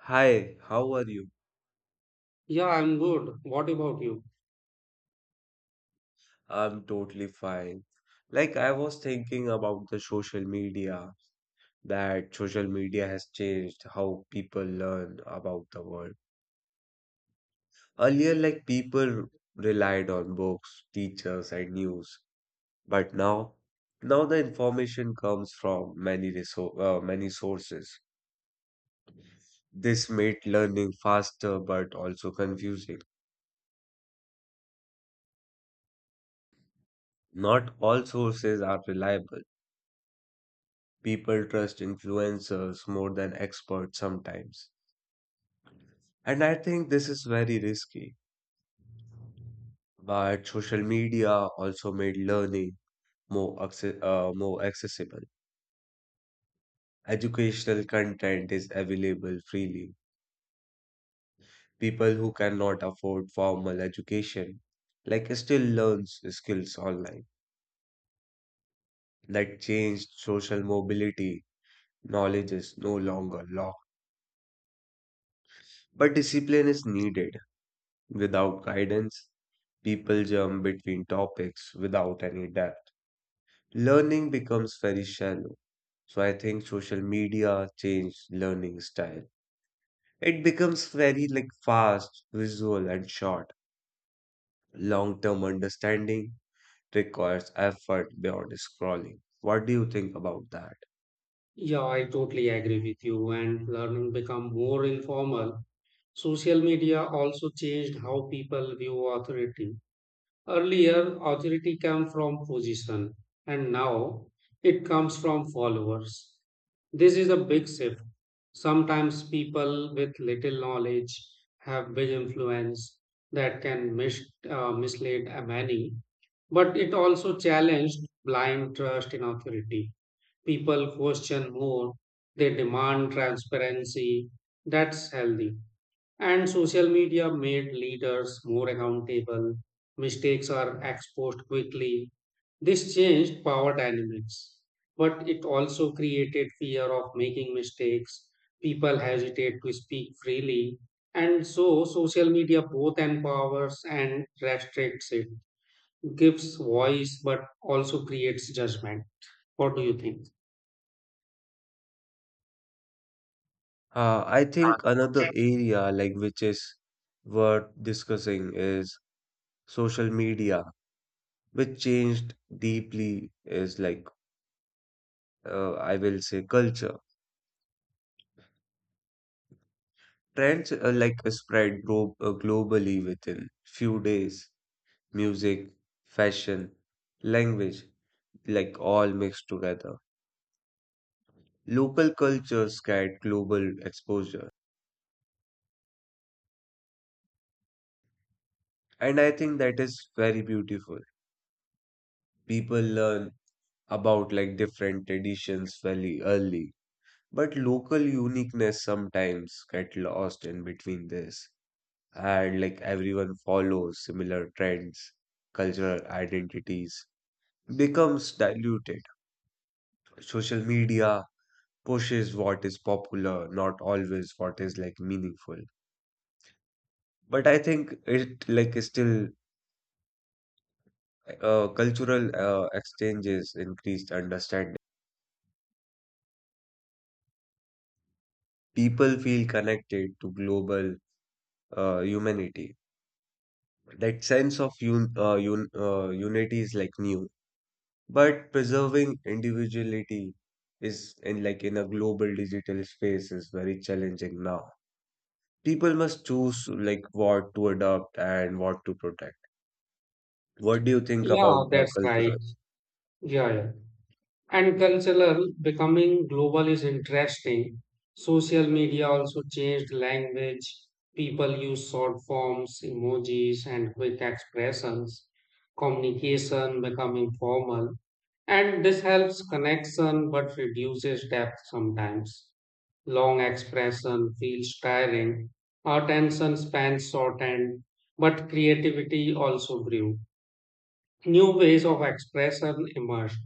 Hi, how are you? Yeah, I'm good. What about you? I'm totally fine. Like, I was thinking about the social media, that social media has changed how people learn about the world. Earlier, like, people relied on books, teachers, and news. But now, now the information comes from many sources. This made learning faster but also confusing. Not all sources are reliable. People trust influencers more than experts sometimes. And I think this is very risky. But social media also made learning more accessible. Educational content is available freely. People who cannot afford formal education like still learns skills online. That changed social mobility. Knowledge is no longer locked, but discipline is needed. Without guidance, people jump between topics without any depth. Learning becomes very shallow. So I think social media changed learning style. It becomes very like fast, visual, and short. Long-term understanding requires effort beyond scrolling. What do you think about that? Yeah, I totally agree with you. And learning become more informal. Social media also changed how people view authority. Earlier, authority came from position, and now it comes from followers. This is a big shift. Sometimes people with little knowledge have big influence that can mislead a many, but it also challenged blind trust in authority. People question more, they demand transparency. That's healthy. And social media made leaders more accountable. Mistakes are exposed quickly. This changed power dynamics, but it also created fear of making mistakes. People hesitate to speak freely. And so, social media both empowers and restricts it, gives voice, but also creates judgment. What do you think? I Uh, think another area like which is worth discussing is social media, which changed deeply is like I will say culture. Trends are like a spread globally within few days. Music, fashion, language, like all mixed together. Local cultures get global exposure. And I think that is very beautiful. People learn about like different traditions very early. But local uniqueness sometimes get lost in between this. And like everyone follows similar trends, cultural identities becomes diluted. Social media pushes what is popular, not always what is like meaningful. But I think it like is still cultural exchanges increased understanding. People feel connected to global humanity. That sense of un un unity is like new. But preserving individuality is in like in a global digital space is very challenging now. People must choose like what to adopt and what to protect. What do you think Yeah, about the that's right. cultural? Yeah, yeah. And cultural becoming global is interesting. Social media also changed language. People use short forms, emojis, and quick expressions. Communication become informal. And this helps connection but reduces depth sometimes. Long expression feels tiring. Our attention span shortened, but creativity also grew. New ways of expression emerged.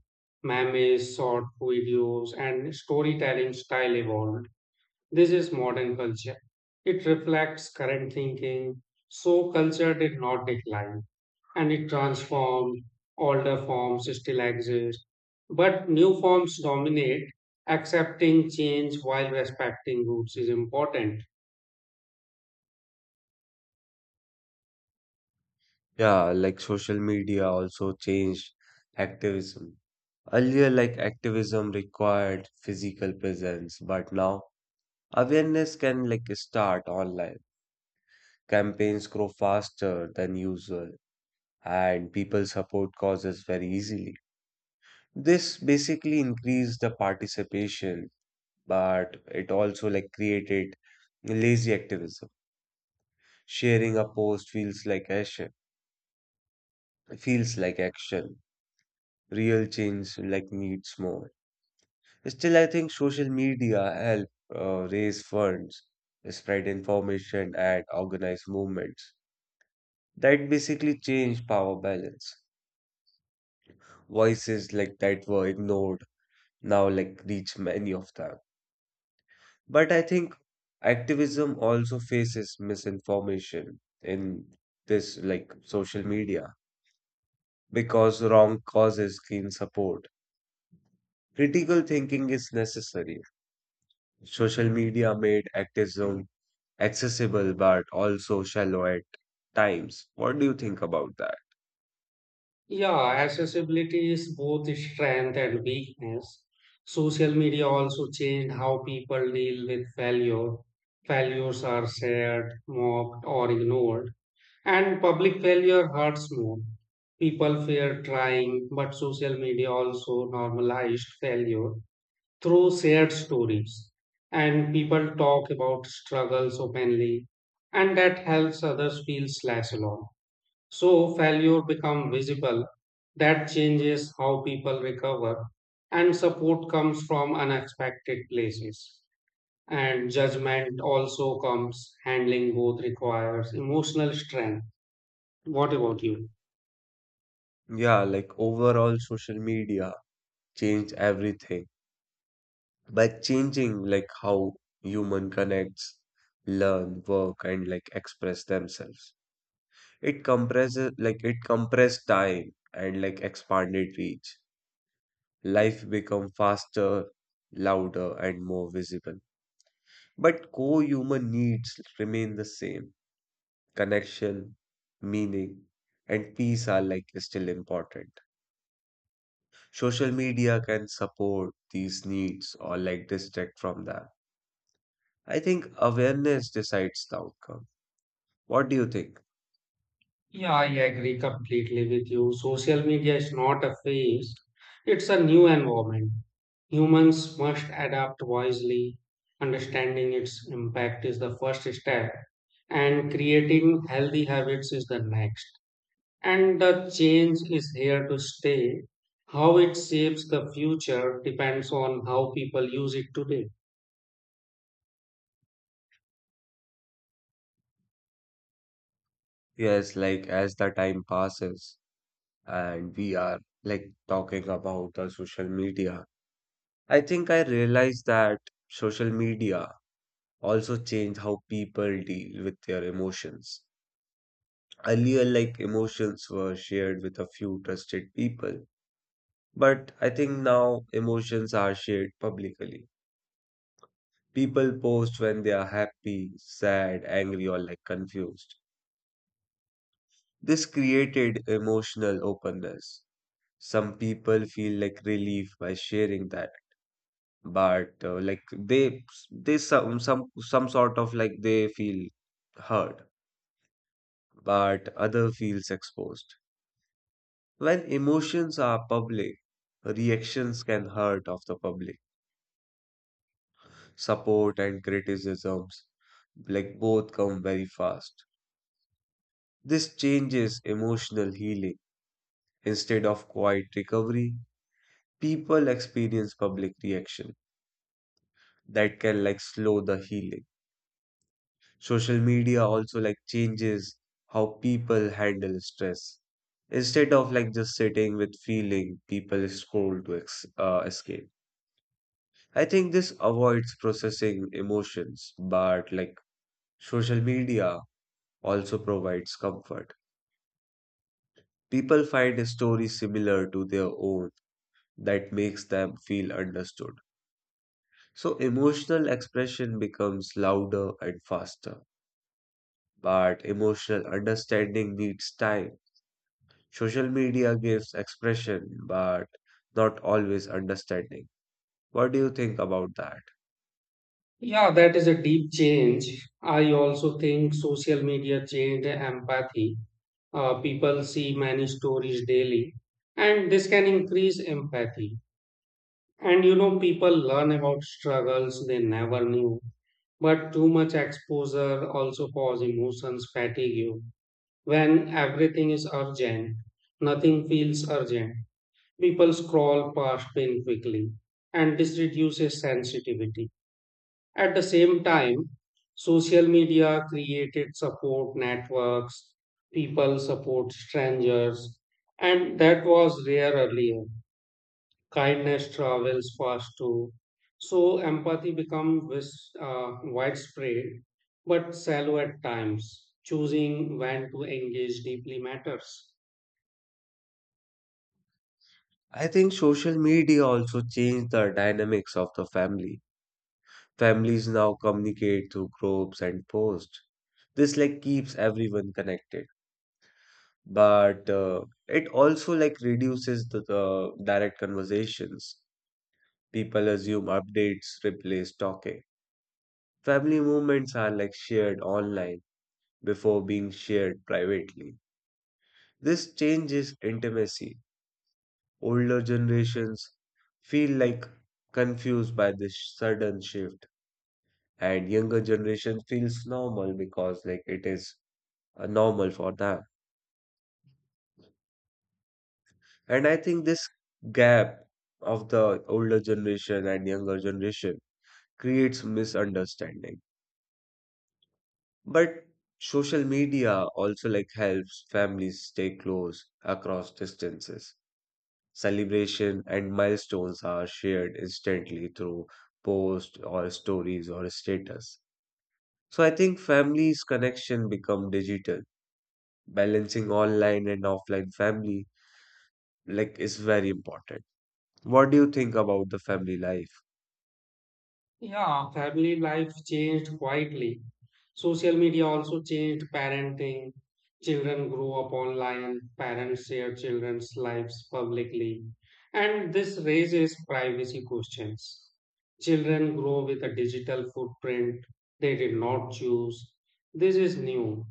Memes, short videos, and storytelling style evolved. This is modern culture. It reflects current thinking. So, culture did not decline and it transformed. Older forms still exist, but new forms dominate. Accepting change while respecting roots is important. Yeah, like social media also changed activism. Earlier, like activism required physical presence, but now awareness can like start online. Campaigns grow faster than usual, and people support causes very easily. This basically increased the participation, but it also like created lazy activism. Sharing a post feels like action, feels like action. Real change like needs more. Still, I think social media help raise funds, spread information, and organize movements. That basically changed power balance. Voices like that were ignored now like reach many of them. But I think activism also faces misinformation in this like social media because wrong causes gain support. Critical thinking is necessary. Social media made activism accessible but also shallow at times. What do you think about that? Yeah, accessibility is both strength and weakness. Social media also changed how people deal with failure. Failures are shared, mocked, or ignored. And public failure hurts more. People fear trying, but social media also normalized failure through shared stories. And people talk about struggles openly, and that helps others feel less alone. So failure become visible. That changes how people recover and support comes from unexpected places. And judgment also comes. Handling both requires emotional strength. What about you? Yeah, like overall social media changed everything by changing like how human connects, learn, work and like express themselves. It compressed time and like expanded reach. Life become faster, louder, and more visible. But core human needs remain the same. Connection, meaning, and peace are like still important. Social media can support these needs or like distract from them. I think awareness decides the outcome. What do you think? Yeah, I agree completely with you. Social media is not a phase, it's a new environment. Humans must adapt wisely. Understanding its impact is the first step, and creating healthy habits is the next. And the change is here to stay. How it shapes the future depends on how people use it today. Yes, like as the time passes, and we are like talking about the social media. I think I realized that social media also changed how people deal with their emotions. Earlier, like emotions were shared with a few trusted people, but I think now emotions are shared publicly. People post when they are happy, sad, angry, or like confused. This created emotional openness. Some people feel like relief by sharing that, but like they some sort of like they feel hurt, but other feels exposed. When emotions are public, reactions can hurt of the public. Support and criticisms like both come very fast. This changes emotional healing. Instead of quiet recovery, people experience public reaction that can like slow the healing. Social media also like changes how people handle stress. Instead of like just sitting with feeling, people scroll to escape. I think this avoids processing emotions, but like social media also provides comfort. People find a story similar to their own that makes them feel understood. So emotional expression becomes louder and faster, but emotional understanding needs time. Social media gives expression, but not always understanding. What do you think about that? Yeah, that is a deep change. I also think social media changed empathy. People see many stories daily, and this can increase empathy. And you know, people learn about struggles they never knew, but too much exposure also causes emotions fatigue. When everything is urgent, nothing feels urgent. People scroll past pain quickly, and this reduces sensitivity. At the same time, social media created support networks, people support strangers, and that was rare earlier. Kindness travels fast too. So empathy becomes widespread but shallow at times. Choosing when to engage deeply matters. I think social media also changed the dynamics of the family. Families now communicate through groups and posts. This like keeps everyone connected, but it also like reduces the direct conversations. People assume updates replace talking. Family moments are like shared online before being shared privately. This changes intimacy. Older generations feel like confused by this sudden shift, and younger generation feels normal because like it is normal for them. And I think this gap of the older generation and younger generation creates misunderstanding. But social media also like helps families stay close across distances. Celebration and milestones are shared instantly through posts or stories or status. So I think families' connection become digital. Balancing online and offline family like is very important. What do you think about the family life? Yeah, family life changed quietly. Social media also changed parenting. Children grow up online, parents share children's lives publicly, and this raises privacy questions. Children grow with a digital footprint they did not choose. This is new.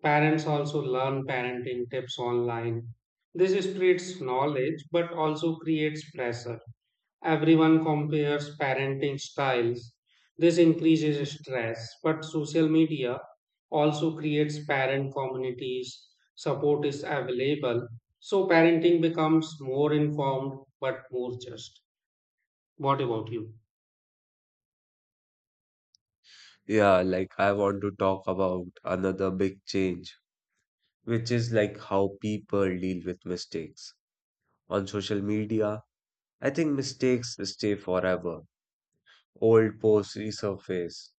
Parents also learn parenting tips online. This spreads knowledge but also creates pressure. Everyone compares parenting styles. This increases stress, but social media also creates parent communities. Support is available. So parenting becomes more informed but more just. What about you? Yeah, like I want to talk about another big change, which is like how people deal with mistakes. On social media, I think mistakes stay forever. Old posts resurface,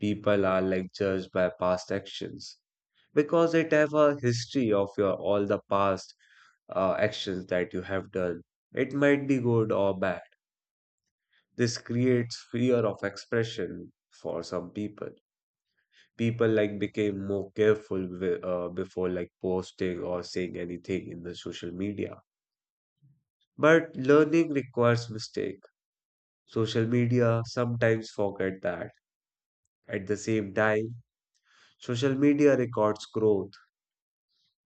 people are like judged by past actions because it have a history of your all the past actions that you have done. It might be good or bad. This creates fear of expression for some people. People like became more careful before like posting or saying anything in the social media. But learning requires mistake. Social media sometimes forget that. At the same time, social media records growth.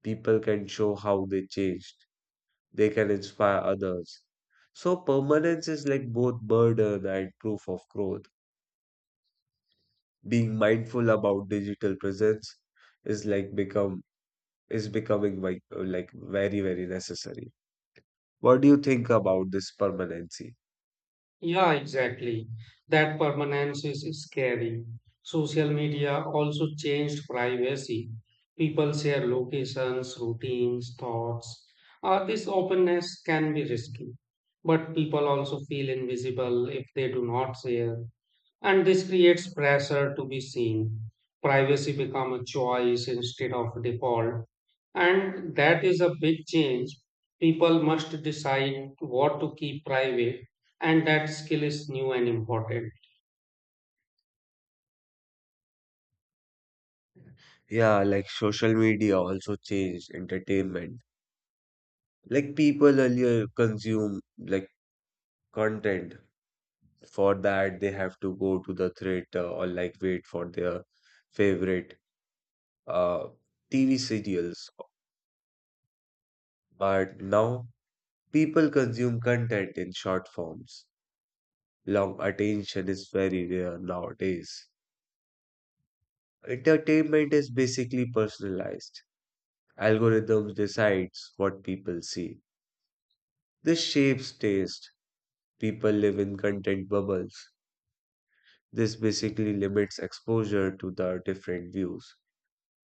People can show how they changed. They can inspire others. So permanence is like both burden and proof of growth. Being mindful about digital presence is like become is becoming like very very necessary. What do you think about this permanency? Yeah, exactly. That permanence is scary. Social media also changed privacy. People share locations, routines, thoughts. This openness can be risky, but people also feel invisible if they do not share. And this creates pressure to be seen. Privacy become a choice instead of default. And that is a big change. People must decide what to keep private, and that skill is new and important. Yeah, like social media also changed entertainment. Like people earlier consume like content. For that, they have to go to the theater or like wait for their favorite uh, TV serials, but now people consume content in short forms. Long attention is very rare nowadays. Entertainment is basically personalized. Algorithms decides what people see. This shapes taste. People live in content bubbles. This basically limits exposure to the different views.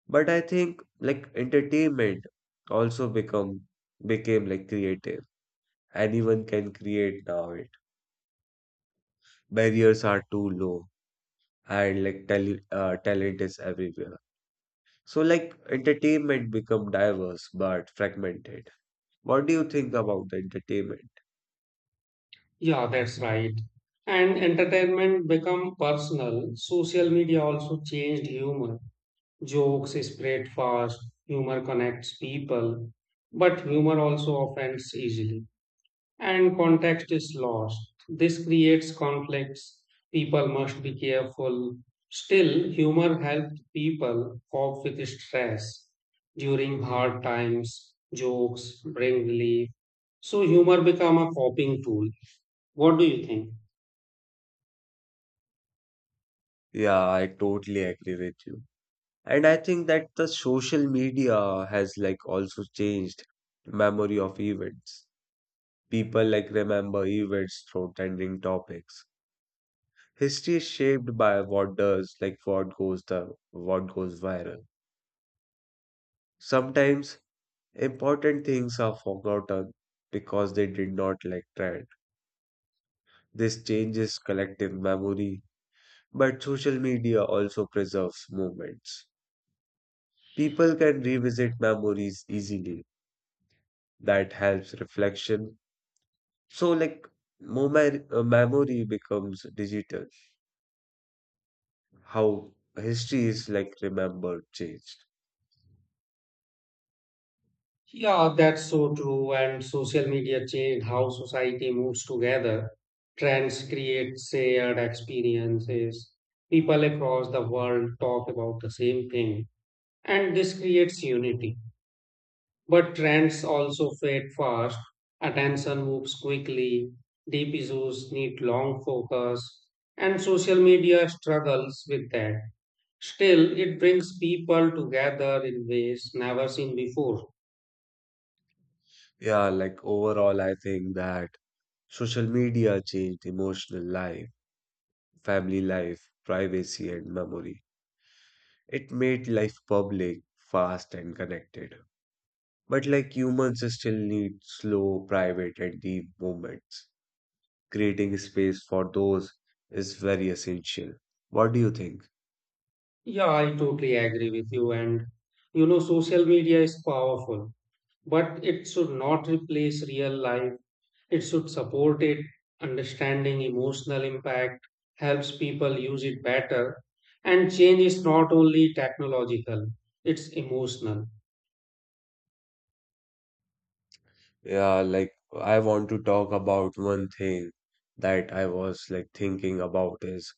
But I think like entertainment also become became like creative. Anyone can create now. It barriers are too low, and like talent is everywhere. So like entertainment become diverse but fragmented. What do you think about the entertainment? Yeah, that's right. And entertainment become personal. Social media also changed humor. Jokes spread fast, humor connects people, but humor also offends easily, and context is lost. This creates conflicts. People must be careful. Still, humor helped people cope with stress during hard times. Jokes bring relief. So, humor become a coping tool. What do you think? Yeah, I totally agree with you. And I think that the social media has like also changed memory of events. People like remember events through trending topics. History is shaped by what does like what goes the what goes viral. Sometimes important things are forgotten because they did not like trend. This changes collective memory, but social media also preserves moments. People can revisit memories easily. That helps reflection. So, like, memory becomes digital. How history is like remembered changed. Yeah, that's so true. And social media changed how society moves together. Trends create shared experiences. People across the world talk about the same thing and this creates unity. But trends also fade fast, attention moves quickly, deep issues need long focus, and social media struggles with that. Still, it brings people together in ways never seen before. Yeah, like overall, I think that social media changed emotional life, family life, privacy, and memory. It made life public, fast, and connected. But like humans, still need slow, private, and deep moments. Creating space for those is very essential. What do you think? Yeah, I totally agree with you, and you know, social media is powerful but it should not replace real life. It should support it. Understanding emotional impact helps people use it better. And change is not only technological, it's emotional. Yeah, like I want to talk about one thing that I was like thinking about is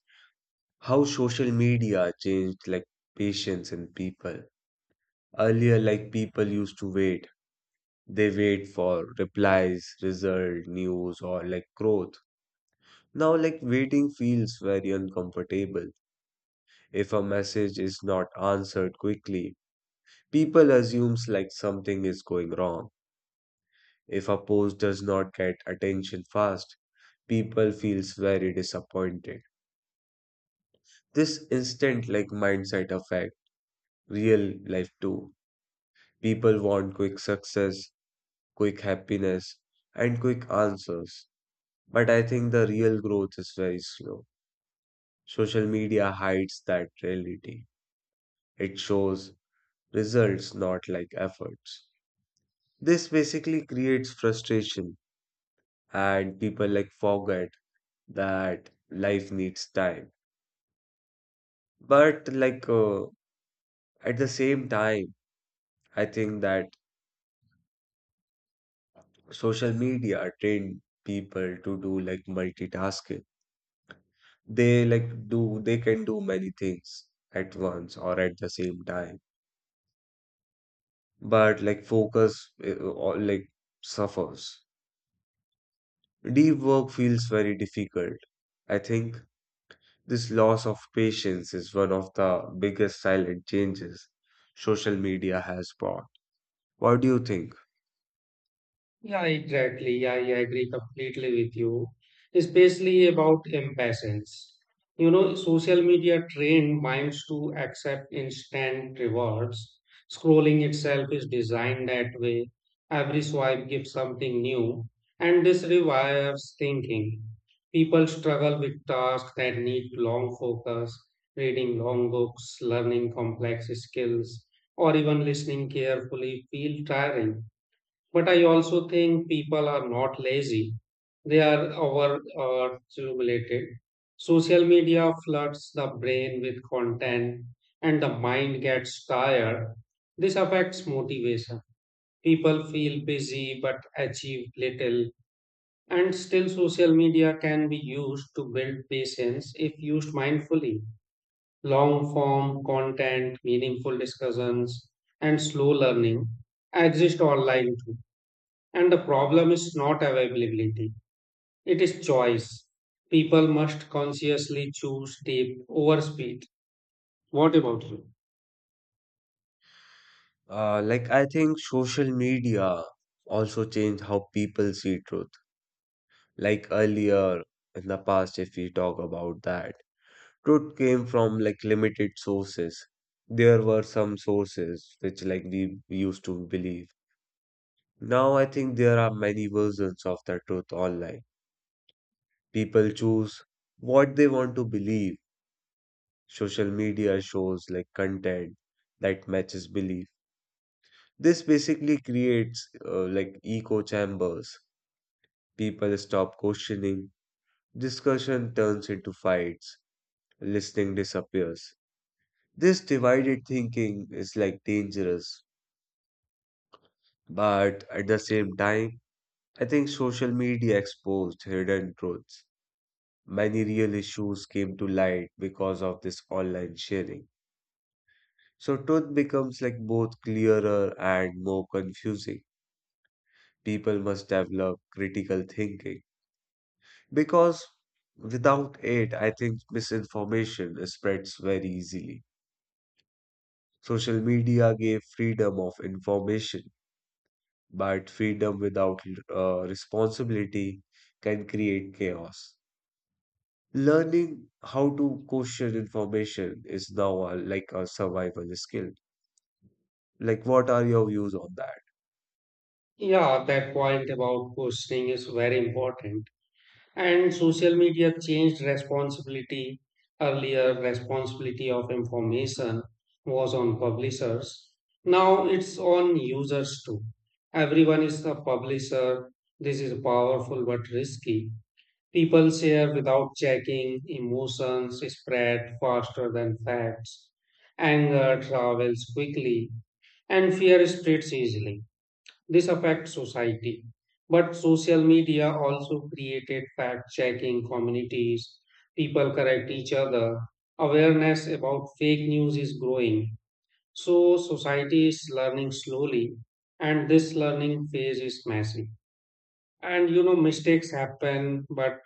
how social media changed like patience in people. Earlier, like people used to wait. They wait for replies, result, news, or like growth. Now, like waiting feels very uncomfortable. If a message is not answered quickly, people assumes like something is going wrong. If a post does not get attention fast, people feels very disappointed. This instant like mindset affect real life too. People want quick success, quick happiness, and quick answers. But I think the real growth is very slow. Social media hides that reality. It shows results, not like efforts. This basically creates frustration, and people like forget that life needs time. But like at the same time, I think that social media trained people to do like multitasking. They can do many things at once or at the same time, but like focus or like suffers. Deep work feels very difficult. I think this loss of patience is one of the biggest silent changes social media has brought. What do you think? Yeah, exactly. Yeah, yeah, I agree completely with you, especially about impatience. You know, social media trained minds to accept instant rewards. Scrolling itself is designed that way. Every swipe gives something new, and this revives thinking. People struggle with tasks that need long focus, reading long books, learning complex skills, or even listening carefully feel tiring but I also think people are not lazy. They are overstimulated. Social media floods the brain with content and the mind gets tired. This affects motivation. People feel busy but achieve little. And still, social media can be used to build patience if used mindfully. Long form content, meaningful discussions, and slow learning exist online too and the problem is not availability, it is choice. People must consciously choose depth over speed. What about you? Like, I think social media also changed how people see truth. Like earlier in the past, if we talk about that, truth came from like limited sources. There were some sources which like we used to believe. Now I think there are many versions of the truth online. People choose what they want to believe. Social media shows like content that matches belief. This basically creates like echo chambers. People stop questioning, discussion turns into fights, listening disappears. This divided thinking is like dangerous, but at the same time, I think social media exposed hidden truths. Many real issues came to light because of this online sharing. So truth becomes like both clearer and more confusing. People must develop critical thinking because without it, I think misinformation spreads very easily. Social media gave freedom of information, but freedom without responsibility can create chaos. Learning how to question information is now a, like a survival skill. Like, what are your views on that? Yeah, that point about questioning is very important. And social media changed responsibility. Earlier, responsibility of information was on publishers. Now it's on users too. Everyone is a publisher. This is powerful but risky. People share without checking, emotions spread faster than facts, anger travels quickly, and fear spreads easily. This affects society. But social media also created fact checking communities. People correct each other. Awareness about fake news is growing. So, society is learning slowly, and this learning phase is massive. And you know, mistakes happen, but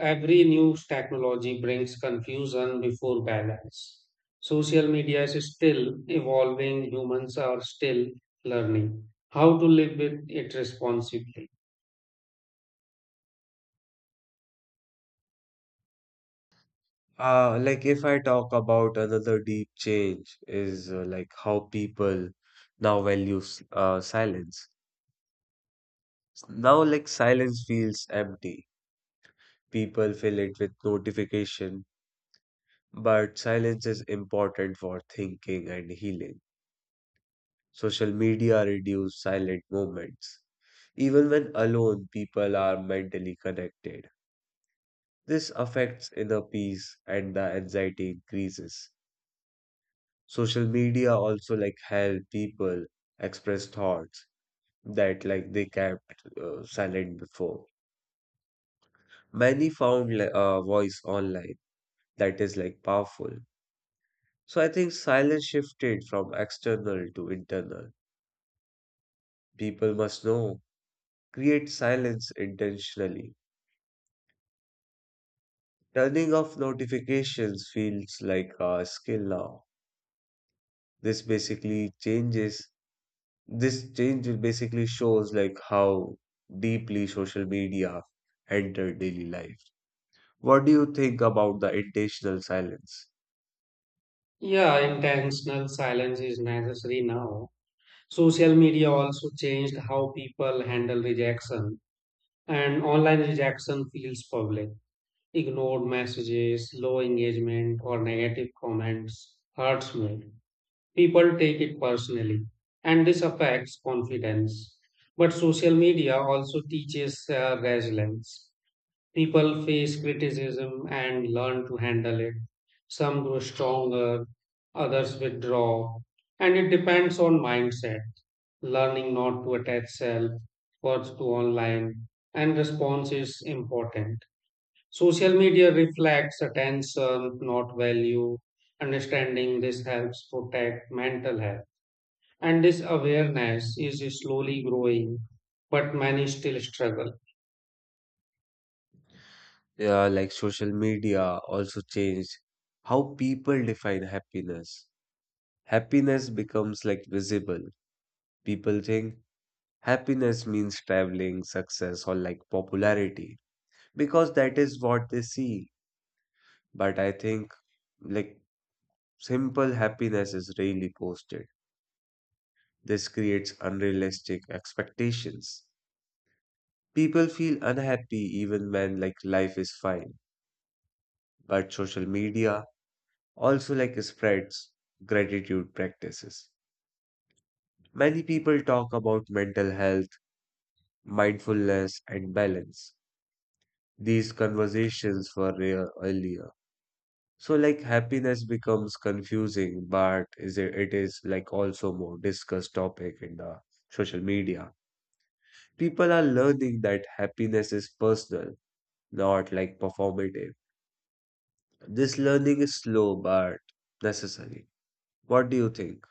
every new technology brings confusion before balance. Social media is still evolving, humans are still learning how to live with it responsibly. Like, if I talk about another deep change is like how people now value silence. Now, like silence feels empty. People fill it with notification, but silence is important for thinking and healing. Social media reduce silent moments. Even when alone, people are mentally connected. This affects inner peace and the anxiety increases. Social media also like help people express thoughts that like they kept silent before. Many found like a voice online that is like powerful. So I think silence shifted from external to internal. People must know, create silence intentionally. Turning off notifications feels like a skill now. This basically changes This change will basically shows like how deeply social media entered daily life. What do you think about the intentional silence? Yeah, intentional silence is necessary now. Social media also changed how people handle rejection, and online rejection feels public. Ignored messages, low engagement, or negative comments hurts me. People take it personally, and this affects confidence. But social media also teaches resilience. People face criticism and learn to handle it. Some grow stronger, others withdraw, and it depends on mindset. Learning not to attach self worth to online and response is important. Social media reflects attention, not value. Understanding this helps protect mental health. And this awareness is slowly growing, but many still struggle. Yeah, like social media also changed how people define happiness. Happiness becomes like visible. People think happiness means traveling, success, or like popularity because that is what they see. But I think like simple happiness is rarely posted. This creates unrealistic expectations. People feel unhappy even when like life is fine. But social media also like spreads gratitude practices. Many people talk about mental health, mindfulness and balance. These conversations were rare earlier. So like happiness becomes confusing, but is it, it is like also more discussed topic in the social media. People are learning that happiness is personal, not like performative. This learning is slow but necessary. What do you think?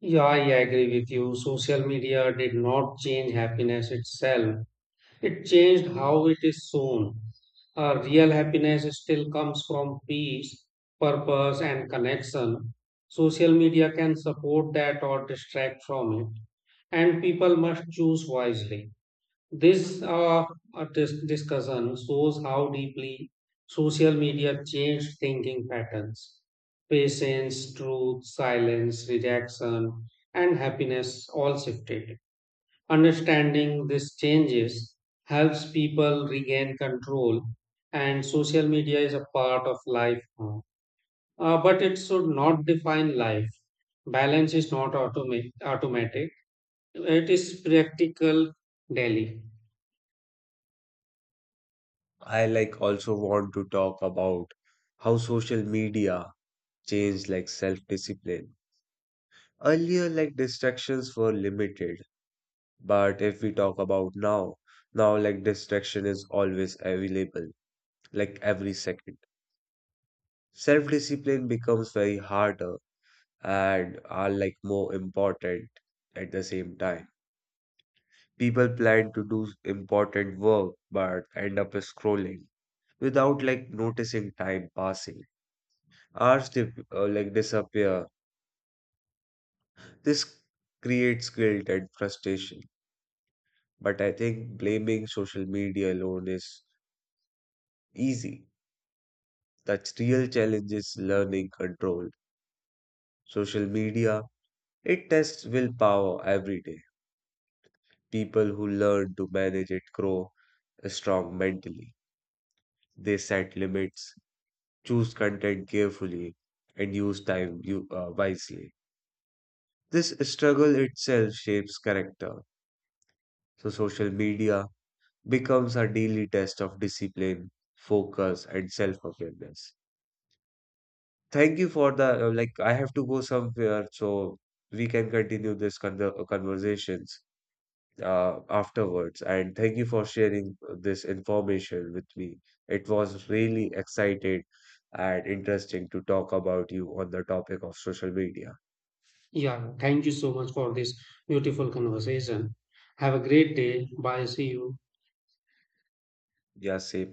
Yeah, I agree with you. Social media did not change happiness itself, it changed how it is shown. Real happiness still comes from peace, purpose, and connection. Social media can support that or distract from it, and people must choose wisely. This discussion shows how deeply social media changed thinking patterns. Patience, truth, silence, rejection, and happiness all shifted. Understanding these changes helps people regain control, and social media is a part of life now. But it should not define life. Balance is not automatic, it is practical daily. I like also want to talk about how social media changed like self-discipline. Earlier, like distractions were limited, but if we talk about now, now like distraction is always available, like every second. Self-discipline becomes very harder and are like more important at the same time. People plan to do important work but end up scrolling without like noticing time passing. Hours like disappear. This creates guilt and frustration. But I think blaming social media alone is easy. The real challenge is learning control. Social media, it tests willpower every day. People who learn to manage it grow strong mentally. They set limits, choose content carefully, and use time wisely. This struggle itself shapes character. So, social media becomes a daily test of discipline, focus, and self-awareness. Thank you for the like. I have to go somewhere, so we can continue this conversations afterwards. And thank you for sharing this information with me. It was really excited and interesting to talk about you on the topic of social media. Yeah, thank you so much for this beautiful conversation. Have a great day. Bye. See you. Ya sé.